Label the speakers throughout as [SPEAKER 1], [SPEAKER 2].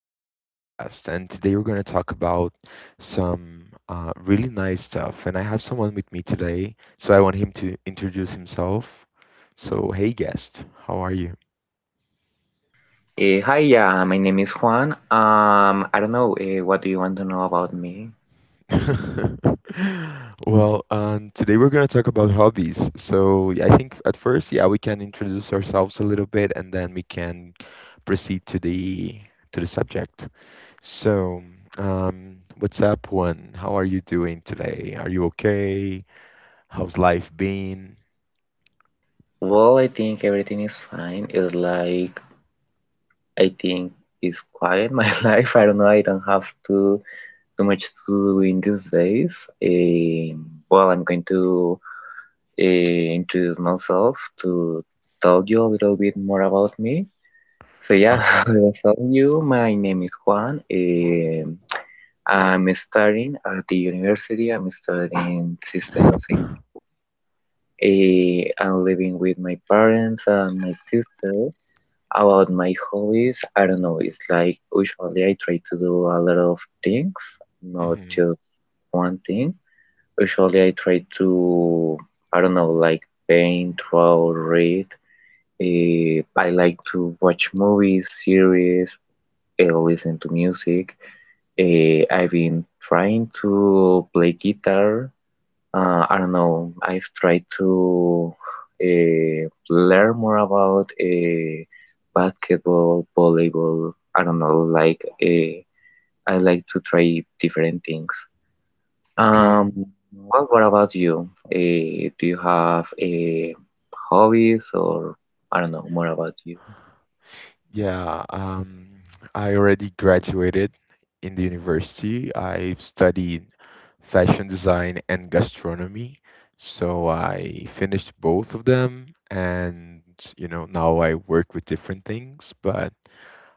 [SPEAKER 1] our podcast. And today we're going to talk about some really nice stuff. And I have someone with me today, so I want him to introduce himself. So, hey, guest, how are you?
[SPEAKER 2] Hi, yeah, my name is Juan. I don't know, what do you want to know about me?
[SPEAKER 1] Well, today we're going to talk about hobbies. So, yeah, I think at first, yeah, we can introduce ourselves a little bit, and then we can proceed to the subject. So, what's up, one? How are you doing today? Are you okay? How's life been?
[SPEAKER 2] Well, I think everything is fine. It's like I think it's quiet my life. I don't know. I don't have too much to do in these days. Well, I'm going to introduce myself to tell you a little bit more about me. So
[SPEAKER 1] Uh,
[SPEAKER 2] yeah, I was telling you, my name is Juan. I'm studying at the university. I'm studying systems engineer. I'm living with my parents and my sister. About my hobbies, I don't know. It's like usually I try to do a lot of things, not
[SPEAKER 1] mhm.
[SPEAKER 2] just one thing. Usually I try to, I don't know, like paint, draw, read. I like to watch movies, series, listen to music. I've been trying to play guitar. I don't know. I've tried to learn more about basketball, volleyball. I don't know. Like I like to try different things.
[SPEAKER 1] Okay.
[SPEAKER 2] Um, well, what about you? Do you have a hobbies or I don't know more about you?
[SPEAKER 1] Yeah, I already graduated in the university. I've studied fashion design and gastronomy. So I finished both of them, and you know, now I work with different things, but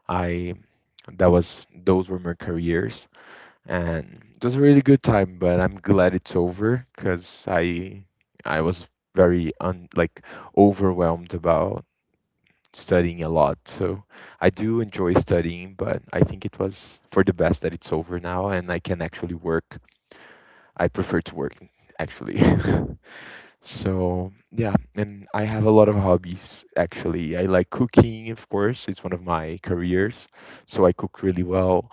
[SPEAKER 1] I that was those were my careers. And it was a really good time, but I'm glad it's over, because I was very like, overwhelmed about studying a lot. So I do enjoy studying, but I think it was for the best that it's over now, and I can actually work. I prefer to work, actually. So yeah, and I have a lot of hobbies. Actually, I like cooking, of course. It's one of my careers, so I cook really well.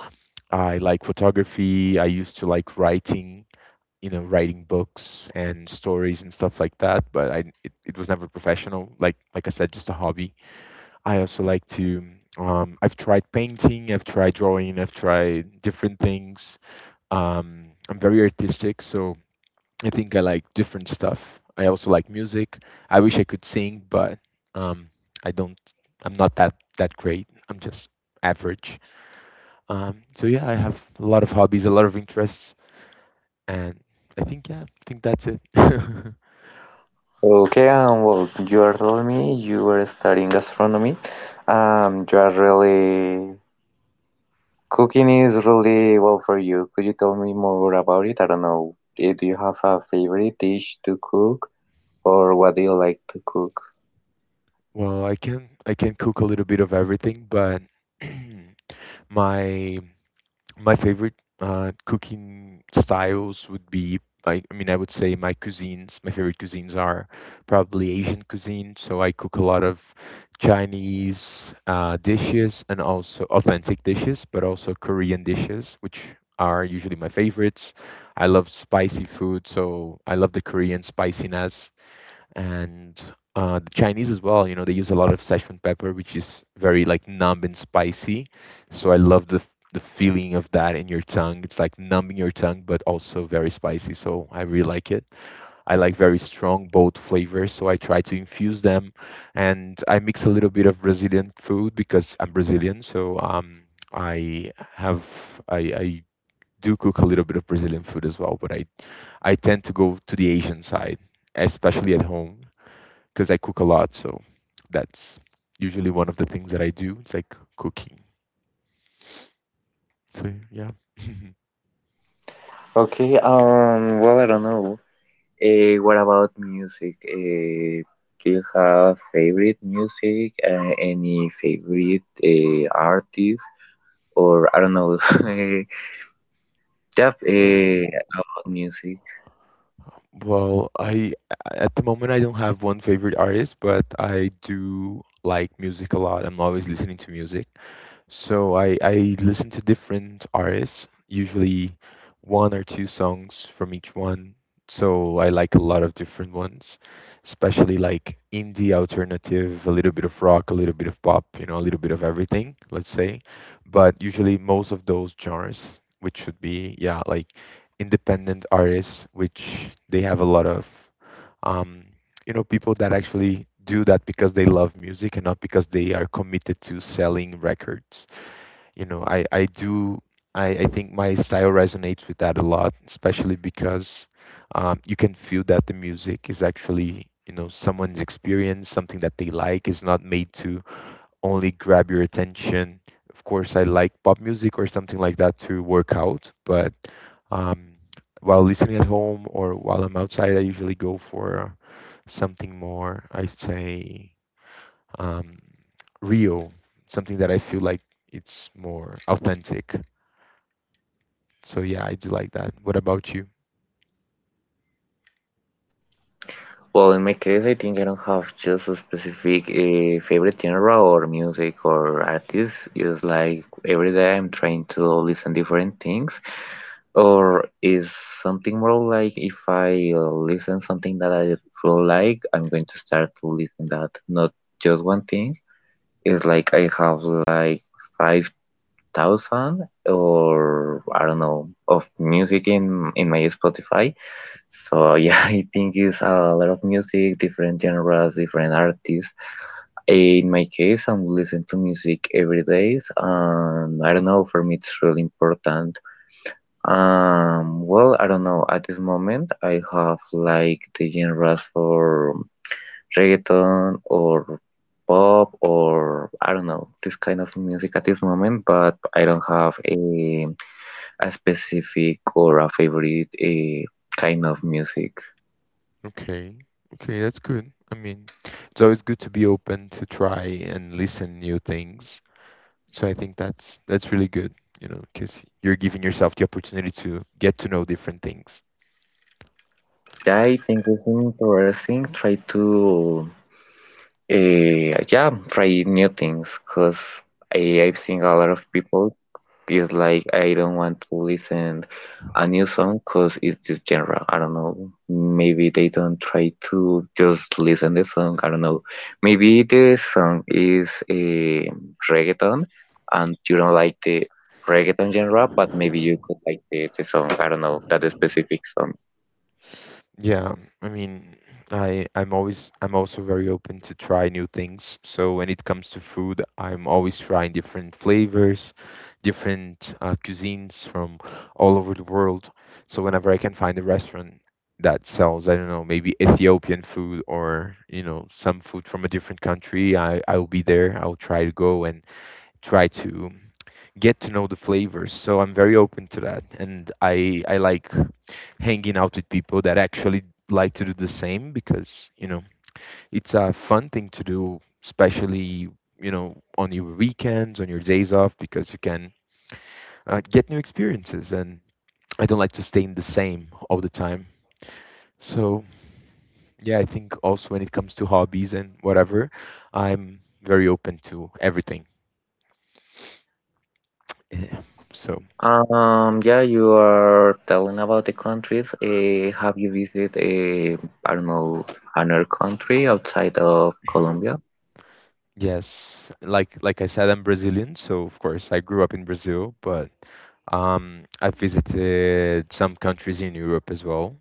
[SPEAKER 1] I like photography. I used to like writing, you know, writing books and stories and stuff like that, but it was never professional. Like I said, just a hobby. I also like to. I've tried painting, I've tried drawing, I've tried different things. I'm very artistic, so I think I like different stuff. I also like music. I wish I could sing, but um, I don't. I'm not that great. I'm just average. So yeah, I have a lot of hobbies, a lot of interests, and I think, yeah, I think that's it.
[SPEAKER 2] Okay, well, you are telling me you were studying gastronomy. You are really cooking is really well for you. Could you tell me more about it? I don't know. Do you have a favorite dish to cook, or what do you like to cook?
[SPEAKER 1] Well, I can cook a little bit of everything, but my my favorite cooking styles would be, I mean, I would say, my favorite cuisines are probably Asian cuisine. So I cook a lot of Chinese dishes, and also authentic dishes, but also Korean dishes, which are usually my favorites. I love spicy food, so I love the Korean spiciness, and the Chinese as well. You know, they use a lot of Sichuan pepper, which is very, like, numb and spicy. So I love the feeling of that in your tongue. It's like numbing your tongue, but also very spicy. So I really like it. I like very strong both flavors, so I try to infuse them, and I mix a little bit of Brazilian food because I'm Brazilian. So I have I. I do cook a little bit of Brazilian food as well, but I tend to go to the Asian side, especially at home because I cook a lot. So that's usually one of the things that I do. It's like cooking. So yeah.
[SPEAKER 2] Okay, well, I don't know. What about music? Do you have favorite music? Any favorite artist? Or I don't know. Yep, about music.
[SPEAKER 1] Well, I at the moment I don't have one favorite artist, but I do like music a lot. I'm always listening to music. So I listen to different artists, usually one or two songs from each one. So I like a lot of different ones, especially like indie alternative, a little bit of rock, a little bit of pop, you know, a little bit of everything, let's say. But usually most of those genres, which should be, yeah, like independent artists, which they have a lot of um, people that actually do that because they love music and not because they are committed to selling records. You know i i do i i think my style resonates with that a lot, especially because you can feel that the music is actually, someone's experience, something that they like, is not made to only grab your attention. Of course, I like pop music or something like that to work out, but um, while listening at home or while I'm outside, I usually go for something more, I say, um, real, something that I feel like it's more authentic. So yeah, I do like that. What about you?
[SPEAKER 2] Well, in my case, I think I don't have just a specific favorite genre or music or artist. It's like every day I'm trying to listen different things. Or is something more like if I listen something that I really like, I'm going to start to listen that, not just one thing. It's like I have like 5,000 or I don't know of music in my Spotify. So yeah, I think it's a lot of music, different genres, different artists. In my case, I'm listening to music every day. I don't know, for me it's really important. Well, I don't know. At this moment, I have like the genres for reggaeton or pop or I don't know, this kind of music at this moment, but I don't have a specific or a favorite a kind of music.
[SPEAKER 1] Okay. Okay, that's good. I mean, it's always good to be open to try and listen new things. So I think that's really good, you know, because you're giving yourself the opportunity to get to know different things.
[SPEAKER 2] I think it's interesting. Try to, uh, yeah, try new things because I've seen a lot of people is like, I don't want to listen a new song because it's this genre. I don't know. Maybe they don't try to just listen the song. I don't know. Maybe the song is a reggaeton and you don't like the reggaeton genre, but maybe you could like the song. I don't know that specific song.
[SPEAKER 1] Yeah, I mean, I I'm always I'm also very open to try new things. So when it comes to food, I'm always trying different flavors, different cuisines from all over the world. So whenever I can find a restaurant that sells, I don't know, maybe Ethiopian food, or, you know, some food from a different country, I'll be there. I'll try to go and try to get to know the flavors. So I'm very open to that, and I like hanging out with people that actually like to do the same, because it's a fun thing to do, especially on your weekends, on your days off, because you can get new experiences. And I don't like to stay in the same all the time. So yeah, I think also when it comes to hobbies and whatever, I'm very open to everything. So
[SPEAKER 2] Yeah, you are telling about the countries. Have you visited, I don't know, another country outside of Colombia?
[SPEAKER 1] yes, like I said, I'm Brazilian, so of course I grew up in Brazil, but I visited some countries in Europe as well,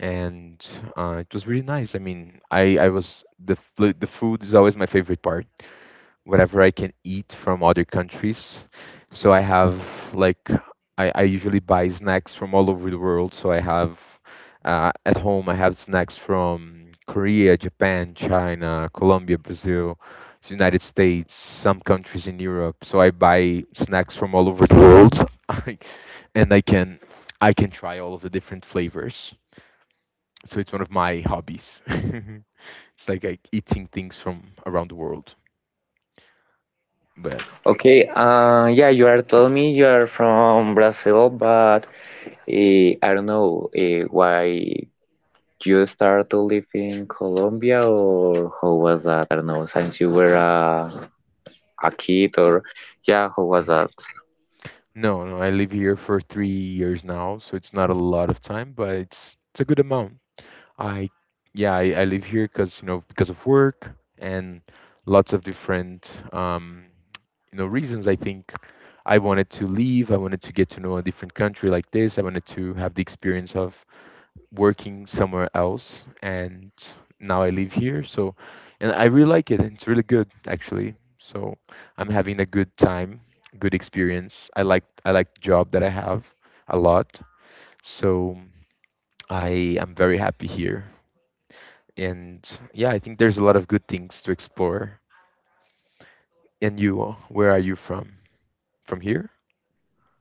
[SPEAKER 1] and it was really nice. I mean, I was the f- the food is always my favorite part, whatever I can eat from other countries. So I have, like, I usually buy snacks from all over the world. So I have at home, I have snacks from Korea, Japan, China, Colombia, Brazil, the United States, some countries in Europe. So I buy snacks from all over the world, and I can try all of the different flavors. So it's one of my hobbies. It's like, eating things from around the world, but.
[SPEAKER 2] Okay, yeah, you are telling me you are from Brazil, but I don't know why you start to live in Colombia or how was that? I don't know, since you were a kid or yeah, how was that?
[SPEAKER 1] No, no, I live here for 3 years now, so it's not a lot of time, but it's a good amount. I, yeah, I live here because, you know, because of work and lots of different reasons. I think I wanted to leave. I wanted to get to know a different country like this. I wanted to have the experience of working somewhere else, and now I live here. So, and I really like it. It's really good, actually. So I'm having a good time, good experience. I like the job that I have a lot. So I am very happy here. And yeah, I think there's a lot of good things to explore. And you, where are you from? From here?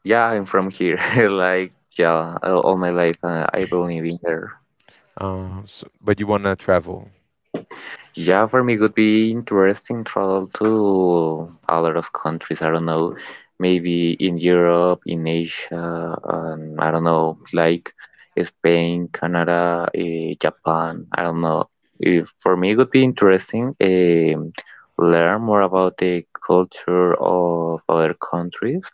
[SPEAKER 2] Yeah, I'm from here, like yeah, all my life I've only been here.
[SPEAKER 1] So, but you wanna travel?
[SPEAKER 2] Yeah, for me it would be interesting travel to a lot of countries. I don't know, maybe in Europe, in Asia, and I don't know, like Spain, Canada, Japan. I don't know. If for me it would be interesting learn more about the culture of other countries,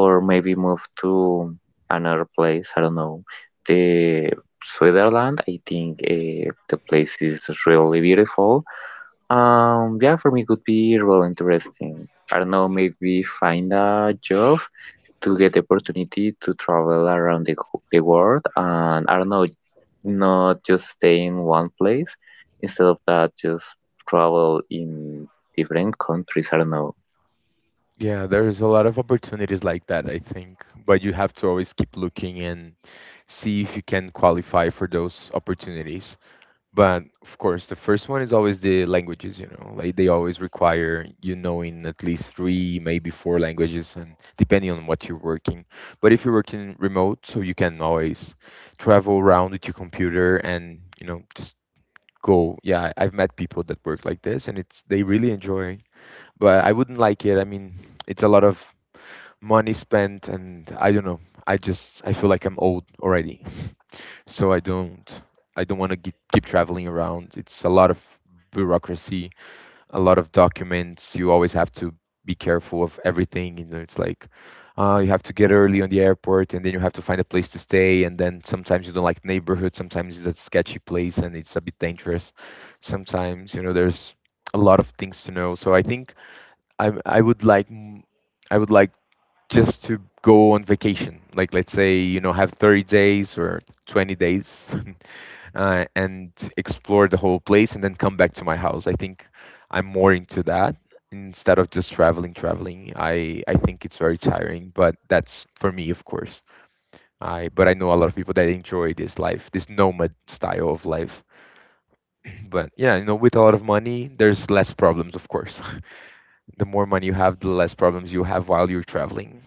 [SPEAKER 2] or maybe move to another place. I don't know. The Switzerland, I think the place is really beautiful yeah, for me it could be real interesting. I don't know, maybe find a job to get the opportunity to travel around the world, and I don't know, not just stay in one place. Instead of that, just travel in different countries. I don't know.
[SPEAKER 1] Yeah, there's a lot of opportunities like that, I think, but you have to always keep looking and see if you can qualify for those opportunities. But of course, the first one is always the languages, you know, like they always require you knowing at least three, maybe four languages, and depending on what you're working. But if you're working remote, so you can always travel around with your computer and, you know, just go. Yeah, I've met people that work like this, and it's they really enjoy. But I wouldn't like it. I mean, it's a lot of money spent, and I don't know, I feel like I'm old already. So I don't want to keep traveling around. It's a lot of bureaucracy, a lot of documents. You always have to be careful of everything. You know, it's like, you have to get early on the airport, and then you have to find a place to stay, and then sometimes you don't like neighborhood, sometimes it's a sketchy place and it's a bit dangerous sometimes. You know, there's a lot of things to know. So I think i, I would like m- I would like just to go on vacation, like, let's say, you know, have 30 days or 20 days, and explore the whole place and then come back to my house. I think I'm more into that, instead of just traveling traveling. I think it's very tiring, but that's for me, of course. I but i know a lot of people that enjoy this life, this nomad style of life. But yeah, you know, with a lot of money there's less problems, of course. The more money you have, the less problems you have while you're traveling.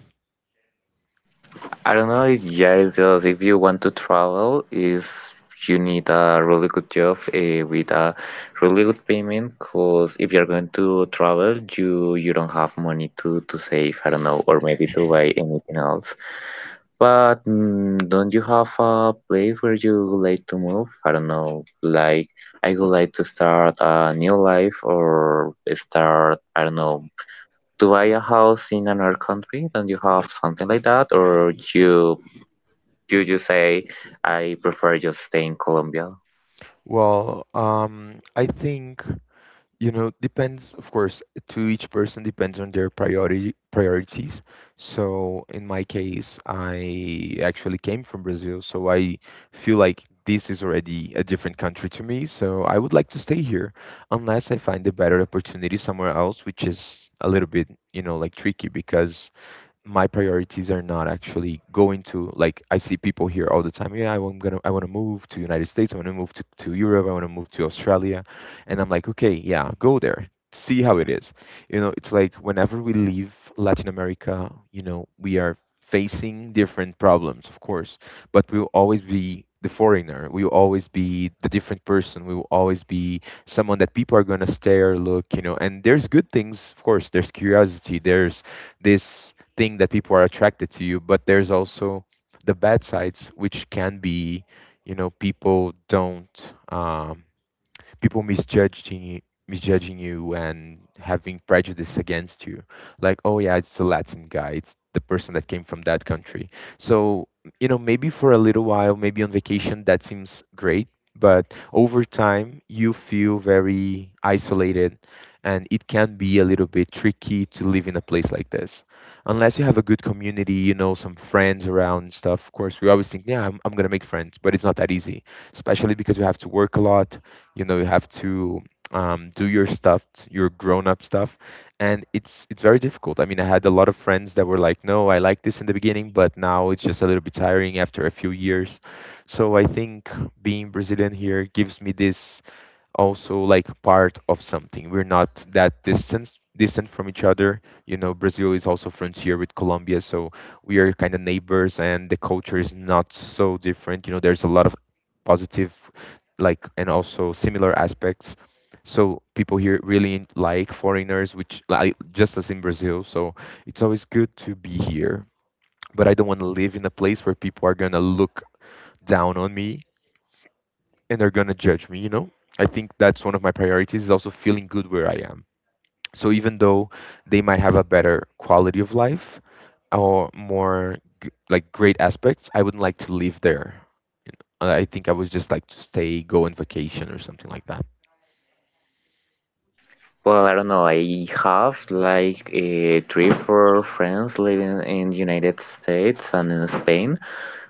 [SPEAKER 2] I don't know, it's just if you want to travel, is you need a really good job with a really good payment. Cause if you're going to travel, you don't have money to save. I don't know, or maybe to buy anything else. But mm, don't you have a place where you would like to move? I don't know, like I would like to start a new life or start, I don't know, to buy a house in another country? Don't you have something like that? Or you just say I prefer just stay in Colombia?
[SPEAKER 1] Well, I think, you know, depends, of course, to each person, depends on their priority priorities. So in my case, I actually came from Brazil, so I feel like this is already a different country to me. So I would like to stay here unless I find a better opportunity somewhere else, which is a little bit, like tricky because my priorities are not actually going to like I see people here all the time. Yeah, I, am gonna I want to move to United States. I want to move to Europe. I want to move to Australia, and I'm like, okay, yeah, go there, see how it is. You know, it's like whenever we leave Latin America, we are facing different problems, of course, but we'll always be the foreigner. We will always be the different person. We will always be someone that people are gonna stare, look, And there's good things, of course. There's curiosity. There's this thing that people are attracted to you, but there's also the bad sides, which can be, people don't, people misjudging you, and having prejudice against you, like, oh yeah, it's the Latin guy, it's the person that came from that country. So, maybe for a little while, maybe on vacation that seems great, but over time you feel very isolated, and it can be a little bit tricky to live in a place like this unless you have a good community, you know, some friends around and stuff. Of course we always think, yeah, I'm going to make friends, but it's not that easy, especially because you have to work a lot. You know, you have to, do your stuff, your grown-up stuff. And it's very difficult. I mean, I had a lot of friends that were like, no, I like this in the beginning, but now it's just a little bit tiring after a few years. So I think being Brazilian here gives me this also like part of something. We're not that distant from each other. You know, Brazil is also frontier with Colombia, so we are kind of neighbors, and the culture is not so different. You know, there's a lot of positive, like, and also similar aspects. So people here really like foreigners, which like just as in Brazil. So it's always good to be here, but I don't want to live in a place where people are gonna look down on me and they're gonna judge me, you know. I think that's one of my priorities is also feeling good where I am. So even though they might have a better quality of life or more like great aspects, I wouldn't like to live there. You know, I think I would just like to stay, go on vacation or something like that.
[SPEAKER 2] Well, I don't know. I have like three, four friends living in the United States and in Spain,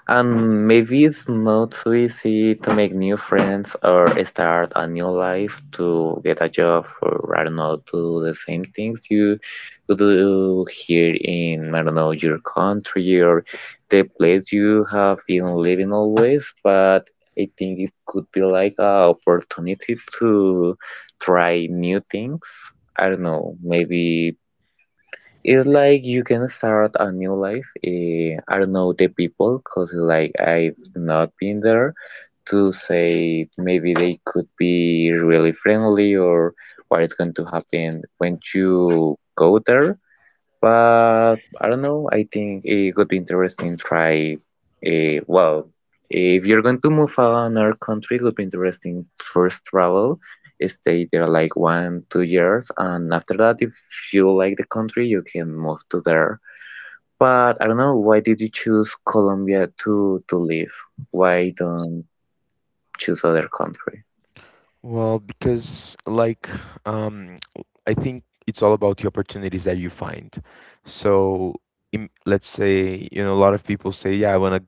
[SPEAKER 2] and maybe it's not so easy to make new friends or start a new life, to get a job, or I don't know, do the same things you do here in, I don't know, your country or the place you have been living always. But I think it could be like a opportunity to try new things. I don't know, maybe it's like you can start a new life. I don't know the people because like I've not been there to say maybe they could be really friendly or what is going to happen when you go there. But I don't know. I think it would be interesting to try. Well, if you're going to move another country, it would be interesting first travel, stay there like one, 2 years, and after that, if you like the country, you can move to there. But I don't know. Why did you choose Colombia to live? Why don't choose other country?
[SPEAKER 1] Well, because like, um, I think it's all about the opportunities that you find. So im let's say, you know, a lot of people say, yeah, I want to,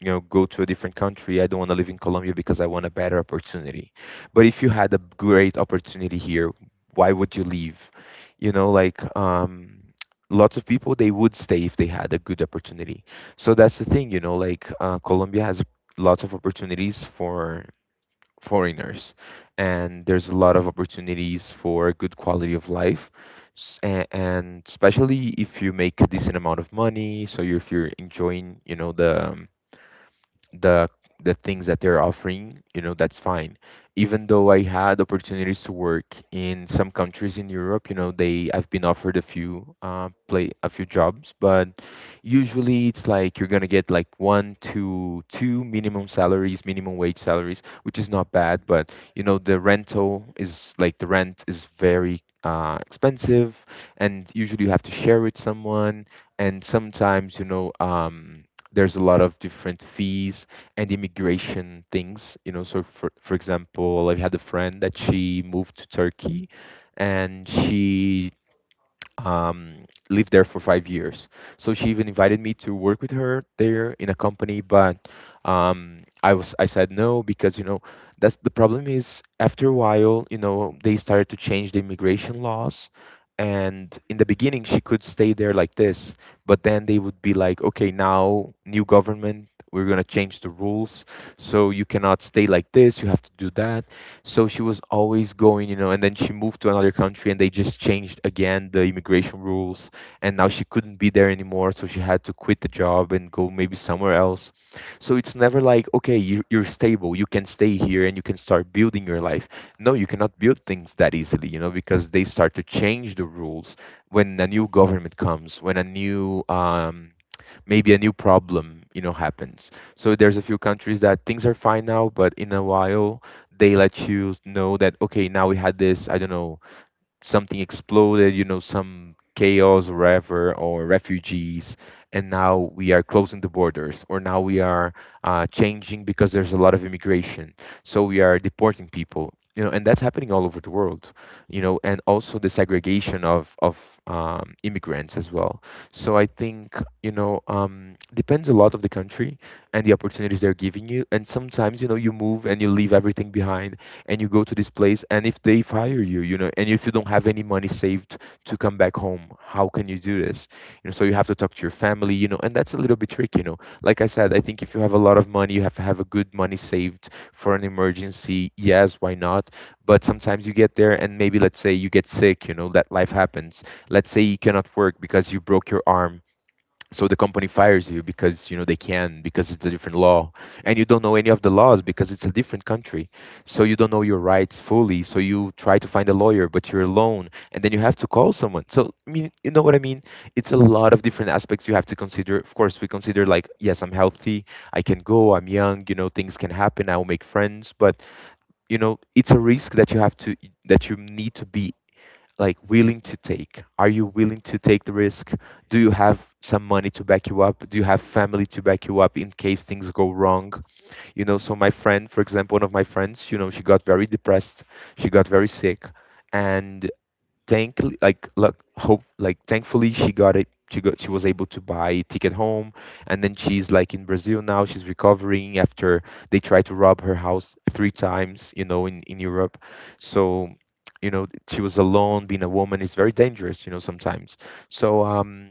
[SPEAKER 1] you know, go to a different country. I don't want to live in Colombia because I want a better opportunity. But if you had a great opportunity here, why would you leave? You know, like, lots of people, they would stay if they had a good opportunity. So that's the thing, you know, like, Colombia has lots of opportunities for foreigners, and there's a lot of opportunities for good quality of life. And especially if you make a decent amount of money, so if you're enjoying, you know, the, the the things that they're offering, you know, that's fine. Even though I had opportunities to work in some countries in Europe, you know, they I've been offered a few play a few jobs, but usually it's like you're gonna get like one to two minimum salaries, minimum wage salaries, which is not bad, but you know, the rent is very expensive, and usually you have to share with someone, and sometimes you know. There's a lot of different fees and immigration things, you know. So for example, I had a friend that she moved to Turkey, and she, lived there for 5 years. So she even invited me to work with her there in a company, but I said no, because you know that's the problem, is after a while, you know, they started to change the immigration laws. And in the beginning, she could stay there like this, but then they would be like, okay, now new government, we're gonna change the rules, so you cannot stay like this. You have to do that. So she was always going, you know, and then she moved to another country and they just changed again the immigration rules. And now she couldn't be there anymore. So she had to quit the job and go maybe somewhere else. So it's never like, okay, you're stable, you can stay here and you can start building your life. No, you cannot build things that easily, you know, because they start to change the rules when a new government comes, when a new, maybe a new problem, you know, happens. So there's a few countries that things are fine now, but in a while they let you know that, okay, now we had this, I don't know, something exploded, you know, some chaos or whatever, or refugees, and now we are closing the borders, or now we are, changing because there's a lot of immigration, so we are deporting people, you know, and that's happening all over the world, you know. And also the segregation of, immigrants as well. So I think, you know, depends a lot of the country and the opportunities they're giving you, and sometimes you know you move and you leave everything behind and you go to this place, and if they fire you, you know, and if you don't have any money saved to come back home, how can you do this? You know, so you have to talk to your family, you know, and that's a little bit tricky, you know. Like I said, I think if you have a lot of money, you have to have a good money saved for an emergency, yes, why not? But sometimes you get there and maybe, let's say, you get sick, you know, that life happens. Let's say you cannot work because you broke your arm, so the company fires you because, you know, they can, because it's a different law, and you don't know any of the laws because it's a different country, so you don't know your rights fully, so you try to find a lawyer, but you're alone, and then you have to call someone. So I mean, you know what I mean, it's a lot of different aspects you have to consider. Of course we consider like, yes, I'm healthy, I can go, I'm young, you know, things can happen, I will make friends. But you know, it's a risk that you have to, that you need to be like willing to take? Are you willing to take the risk? Do you have some money to back you up? Do you have family to back you up in case things go wrong? You know, so my friend, for example, one of my friends, you know, she got very depressed. She got very sick. And thankfully, like look hope like thankfully she was able to buy a ticket home, and then she's like in Brazil now, she's recovering after they tried to rob her house 3 times, you know, in Europe. So, you know, she was alone, being a woman is very dangerous, you know, sometimes. So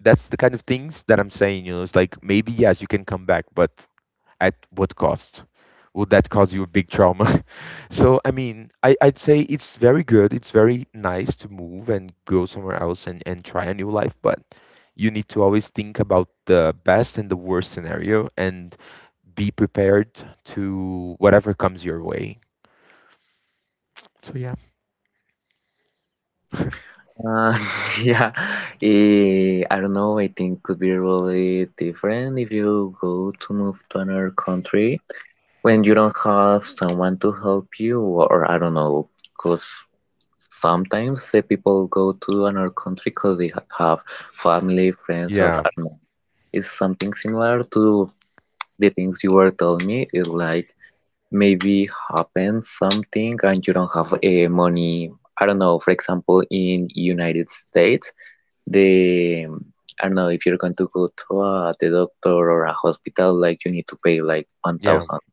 [SPEAKER 1] that's the kind of things that I'm saying, you know, it's like maybe yes, you can come back, but at what cost? Would that cause you a big trauma? So I mean, I'd say it's very good, it's very nice to move and go somewhere else and try a new life, but you need to always think about the best and the worst scenario and be prepared to whatever comes your way. So yeah.
[SPEAKER 2] Uh, yeah, I don't know. I think could be really different if you go to move to another country when you don't have someone to help you, or I don't know, because sometimes the people go to another country because they have family, friends, or
[SPEAKER 1] Yeah,
[SPEAKER 2] I don't know. It's something similar to the things you were telling me. It's like maybe happens something and you don't have money. I don't know, for example, in United States the I don't know if you're going to go to a, the doctor or a hospital, like you need to pay like one
[SPEAKER 1] yeah.
[SPEAKER 2] thousand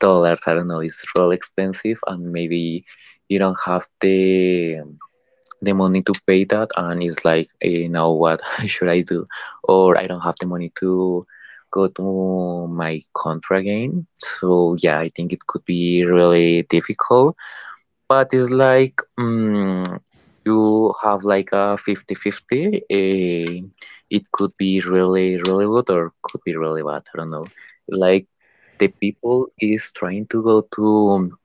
[SPEAKER 2] dollars. I don't know, it's real expensive, and maybe you don't have the money to pay that, and it's like, you know what should I do? Or I don't have the money to go to my country again. So yeah, I think it could be really difficult. But it's like mm, you have like a 50-50. It could be really, really good or could be really bad. I don't know. Like the people is trying to go to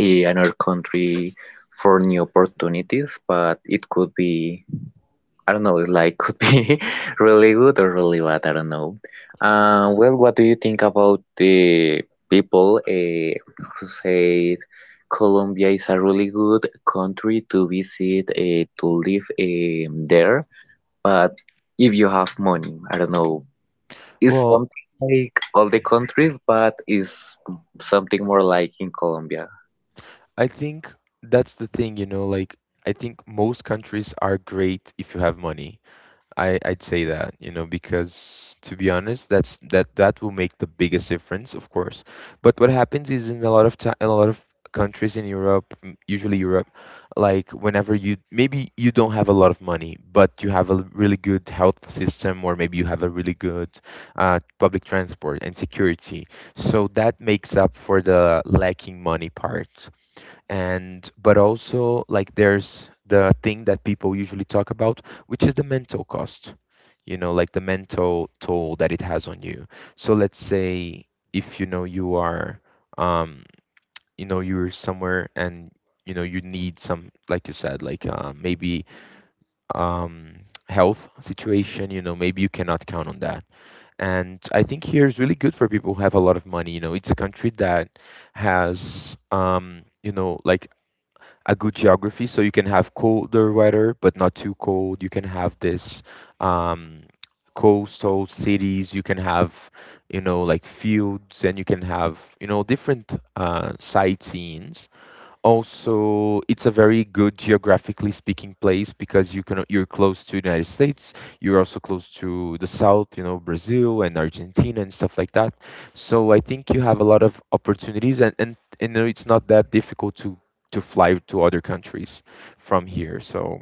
[SPEAKER 2] another country for new opportunities, but it could be I don't know, like could be really good or really bad, I don't know. Well, what do you think about the people who said Colombia is a really good country to visit, to live there, but if you have money, I don't know, it's
[SPEAKER 1] Well,
[SPEAKER 2] something like all the countries, but it's something more like in Colombia.
[SPEAKER 1] I think that's the thing, you know, like I think most countries are great if you have money. I'd say that, you know, because to be honest, that's that will make the biggest difference, of course. But what happens is in a lot of time, in a lot of countries in Europe, usually Europe, like whenever you maybe you don't have a lot of money, but you have a really good health system, or maybe you have a really good public transport and security. So that makes up for the lacking money part and but also like there's the thing that people usually talk about, which is the mental cost, you know, like the mental toll that it has on you. So let's say if you know you are, um you know, you're somewhere and you know you need some, like you said, like maybe, um health situation, you know, maybe you cannot count on that. And I think here is really good for people who have a lot of money. You know, it's a country that has, you know, like a good geography, so you can have colder weather but not too cold. You can have this, um, coastal cities. You can have, you know, like fields, and you can have, you know, different sightseeings. Also, it's a very good geographically speaking place because you're close to the United States. You're also close to the South, you know, Brazil and Argentina and stuff like that. So I think you have a lot of opportunities, and and it's not that difficult to fly to other countries from here. So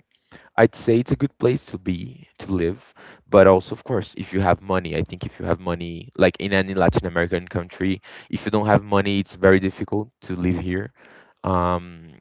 [SPEAKER 1] I'd say it's a good place to be, to live, but also, of course, if you have money. I think if you have money, like in any Latin American country, if you don't have money, it's very difficult to live here. Um,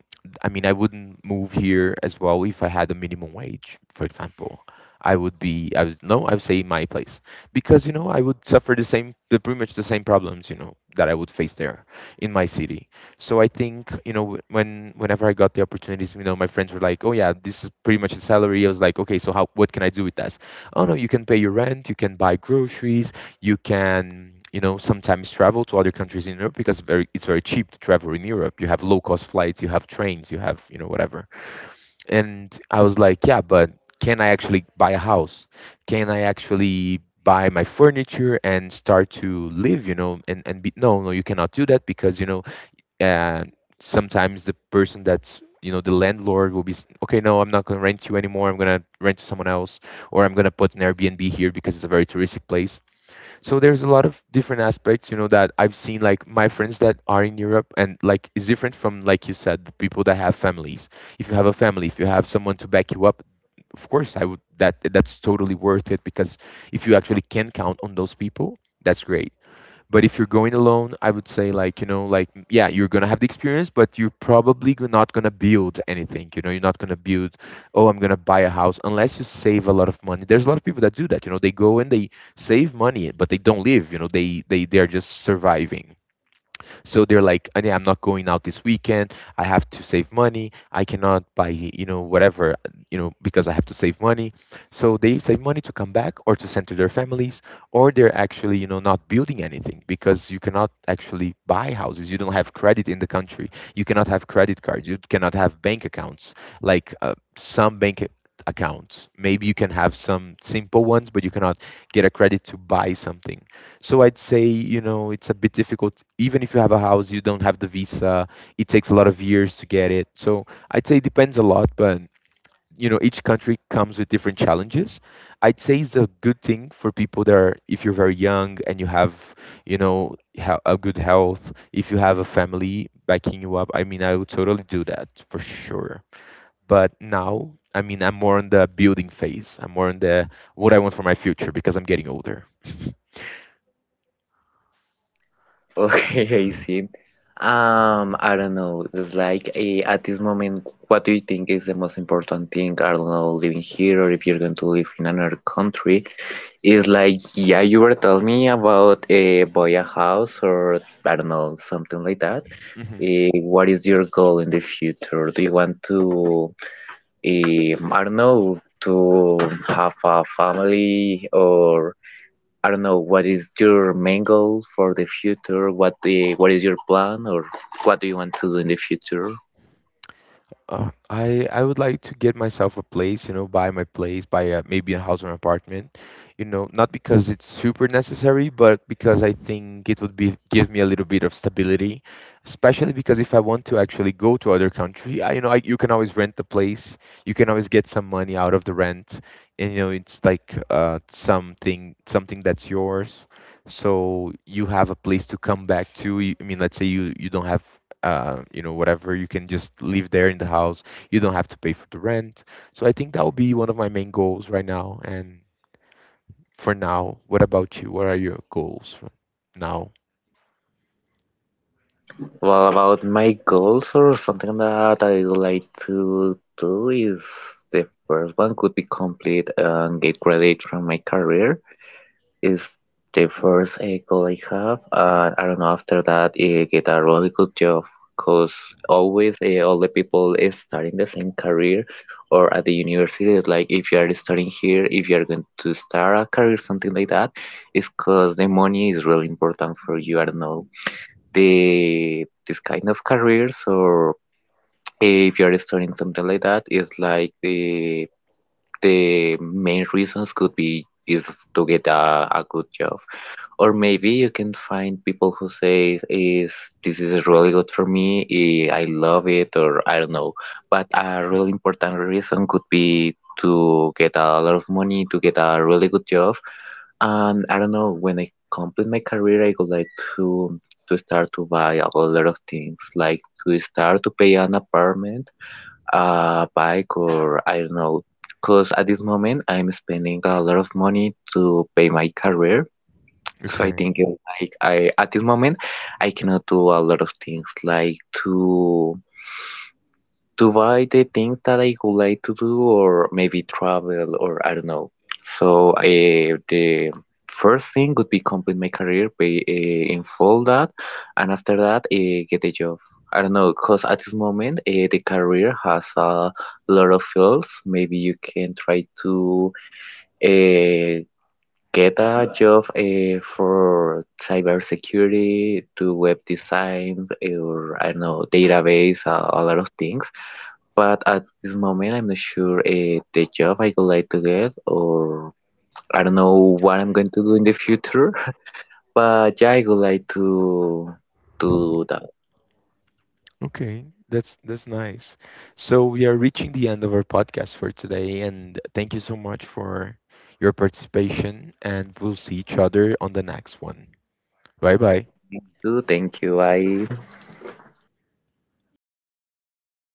[SPEAKER 1] I mean, I wouldn't move here as well if I had a minimum wage, for example. I would be, I would, no, I would say my place, because, you know, I would suffer the same, the pretty much the same problems, you know, that I would face there in my city. So I think, you know, whenever I got the opportunities, you know, my friends were like, "Oh yeah, this is pretty much the salary." I was like, "Okay, so how what can I do with that?" "Oh no, you can pay your rent, you can buy groceries, you can, you know, sometimes travel to other countries in Europe because very it's very cheap to travel in Europe. You have low-cost flights, you have trains, you have, you know, whatever." And I was like, "Yeah, but can I actually buy a house? Can I actually buy my furniture and start to live, you know, and be no, no, you cannot do that because, you know, and sometimes the person that's, you know, the landlord will be okay, no, I'm not going to rent you anymore, I'm going to rent to someone else, or I'm going to put an Airbnb here because it's a very touristic place. So there's a lot of different aspects, you know, that I've seen, like my friends that are in Europe, and like it's different from, like you said, the people that have families. If you have a family, if you have someone to back you up, of course I would, that's totally worth it, because if you actually can count on those people, that's great. But if you're going alone, I would say, like, you know, like yeah, you're gonna have the experience, but you're probably not gonna build anything. You know, you're not gonna build, oh, I'm gonna buy a house, unless you save a lot of money. There's a lot of people that do that. You know, they go and they save money, but they don't live. You know, they are just surviving. So they're like, Yeah, I'm not going out this weekend. I have to save money. I cannot buy, you know, whatever, you know, because I have to save money. So they save money to come back or to send to their families, or they're actually, you know, not building anything because you cannot actually buy houses. You don't have credit in the country. You cannot have credit cards. You cannot have bank accounts. Like some bank accounts, maybe you can have some simple ones, but you cannot get a credit to buy something. So I'd say, you know, it's a bit difficult. Even if you have a house, you don't have the visa. It takes a lot of years to get it. So I'd say it depends a lot, but you know, each country comes with different challenges. I'd say it's a good thing for people that are, if you're very young and you have, you know, a good health, if you have a family backing you up, I mean, I would totally do that for sure. But now, I mean, I'm more on the building phase. I'm more on the what I want for my future because I'm getting older.
[SPEAKER 2] Okay, I see. I don't know. It's like at this moment, what do you think is the most important thing? I don't know, living here or if you're going to live in another country. It's like, yeah, you were telling me about buy a house or I don't know, something like that. What is your goal in the future? Do you want to, I don't know, to have a family or I don't know, what is your main goal for the future? What do you- what is your plan or what do you want to do in the future?
[SPEAKER 1] I would like to get myself a place, you know, buy my place, buy a, maybe a house or an apartment, you know, not because it's super necessary, but because I think it would be give me a little bit of stability, especially because if I want to actually go to other country, I, you know, I, you can always rent the place, you can always get some money out of the rent, and you know, it's like something that's yours, so you have a place to come back to. You- I mean, let's say you don't have you know, whatever. You can just live there in the house. You don't have to pay for the rent. So I think that will be one of my main goals right now. And for now, what about you? What are your goals for now?
[SPEAKER 2] Well, about my goals or something that I would like to do is the first one could be complete and get graduate from my career. Is the first echo I have, and I don't know, after that it get a really good job because always all the people is starting the same career or at the university it's like if you are studying here if you are going to start a career something like that it's because the money is really important for you I don't know the this kind of careers or if you are studying something like that it's like the main reasons could be is to get a good job or maybe you can find people who say is this is really good for me I love it or I don't know but a really important reason could be to get a lot of money to get a really good job and I don't know when I complete my career I would like to to start to buy a lot of things like to start to pay an apartment a bike or I don't know. Because at this moment I'm spending a lot of money to pay my career. So I
[SPEAKER 1] Okay.
[SPEAKER 2] think like I at this moment I cannot do a lot of things like to buy the things that I would like to do or maybe travel or I don't know. So the first thing would be complete my career, be in full that, and after that get a job. I don't know, because at this moment the career has a lot of fields. Maybe you can try to uh, get a job for cybersecurity, to web design, or I don't know, database, a lot of things. But at this moment, I'm not sure the job I would like to get, or I don't know what I'm going to do in the future. But yeah, I would like to do that.
[SPEAKER 1] Okay. That's nice. So we are reaching the end of our podcast for today, and thank you so much for your participation, and we'll see each other on the next one. Bye bye.
[SPEAKER 2] So thank you. I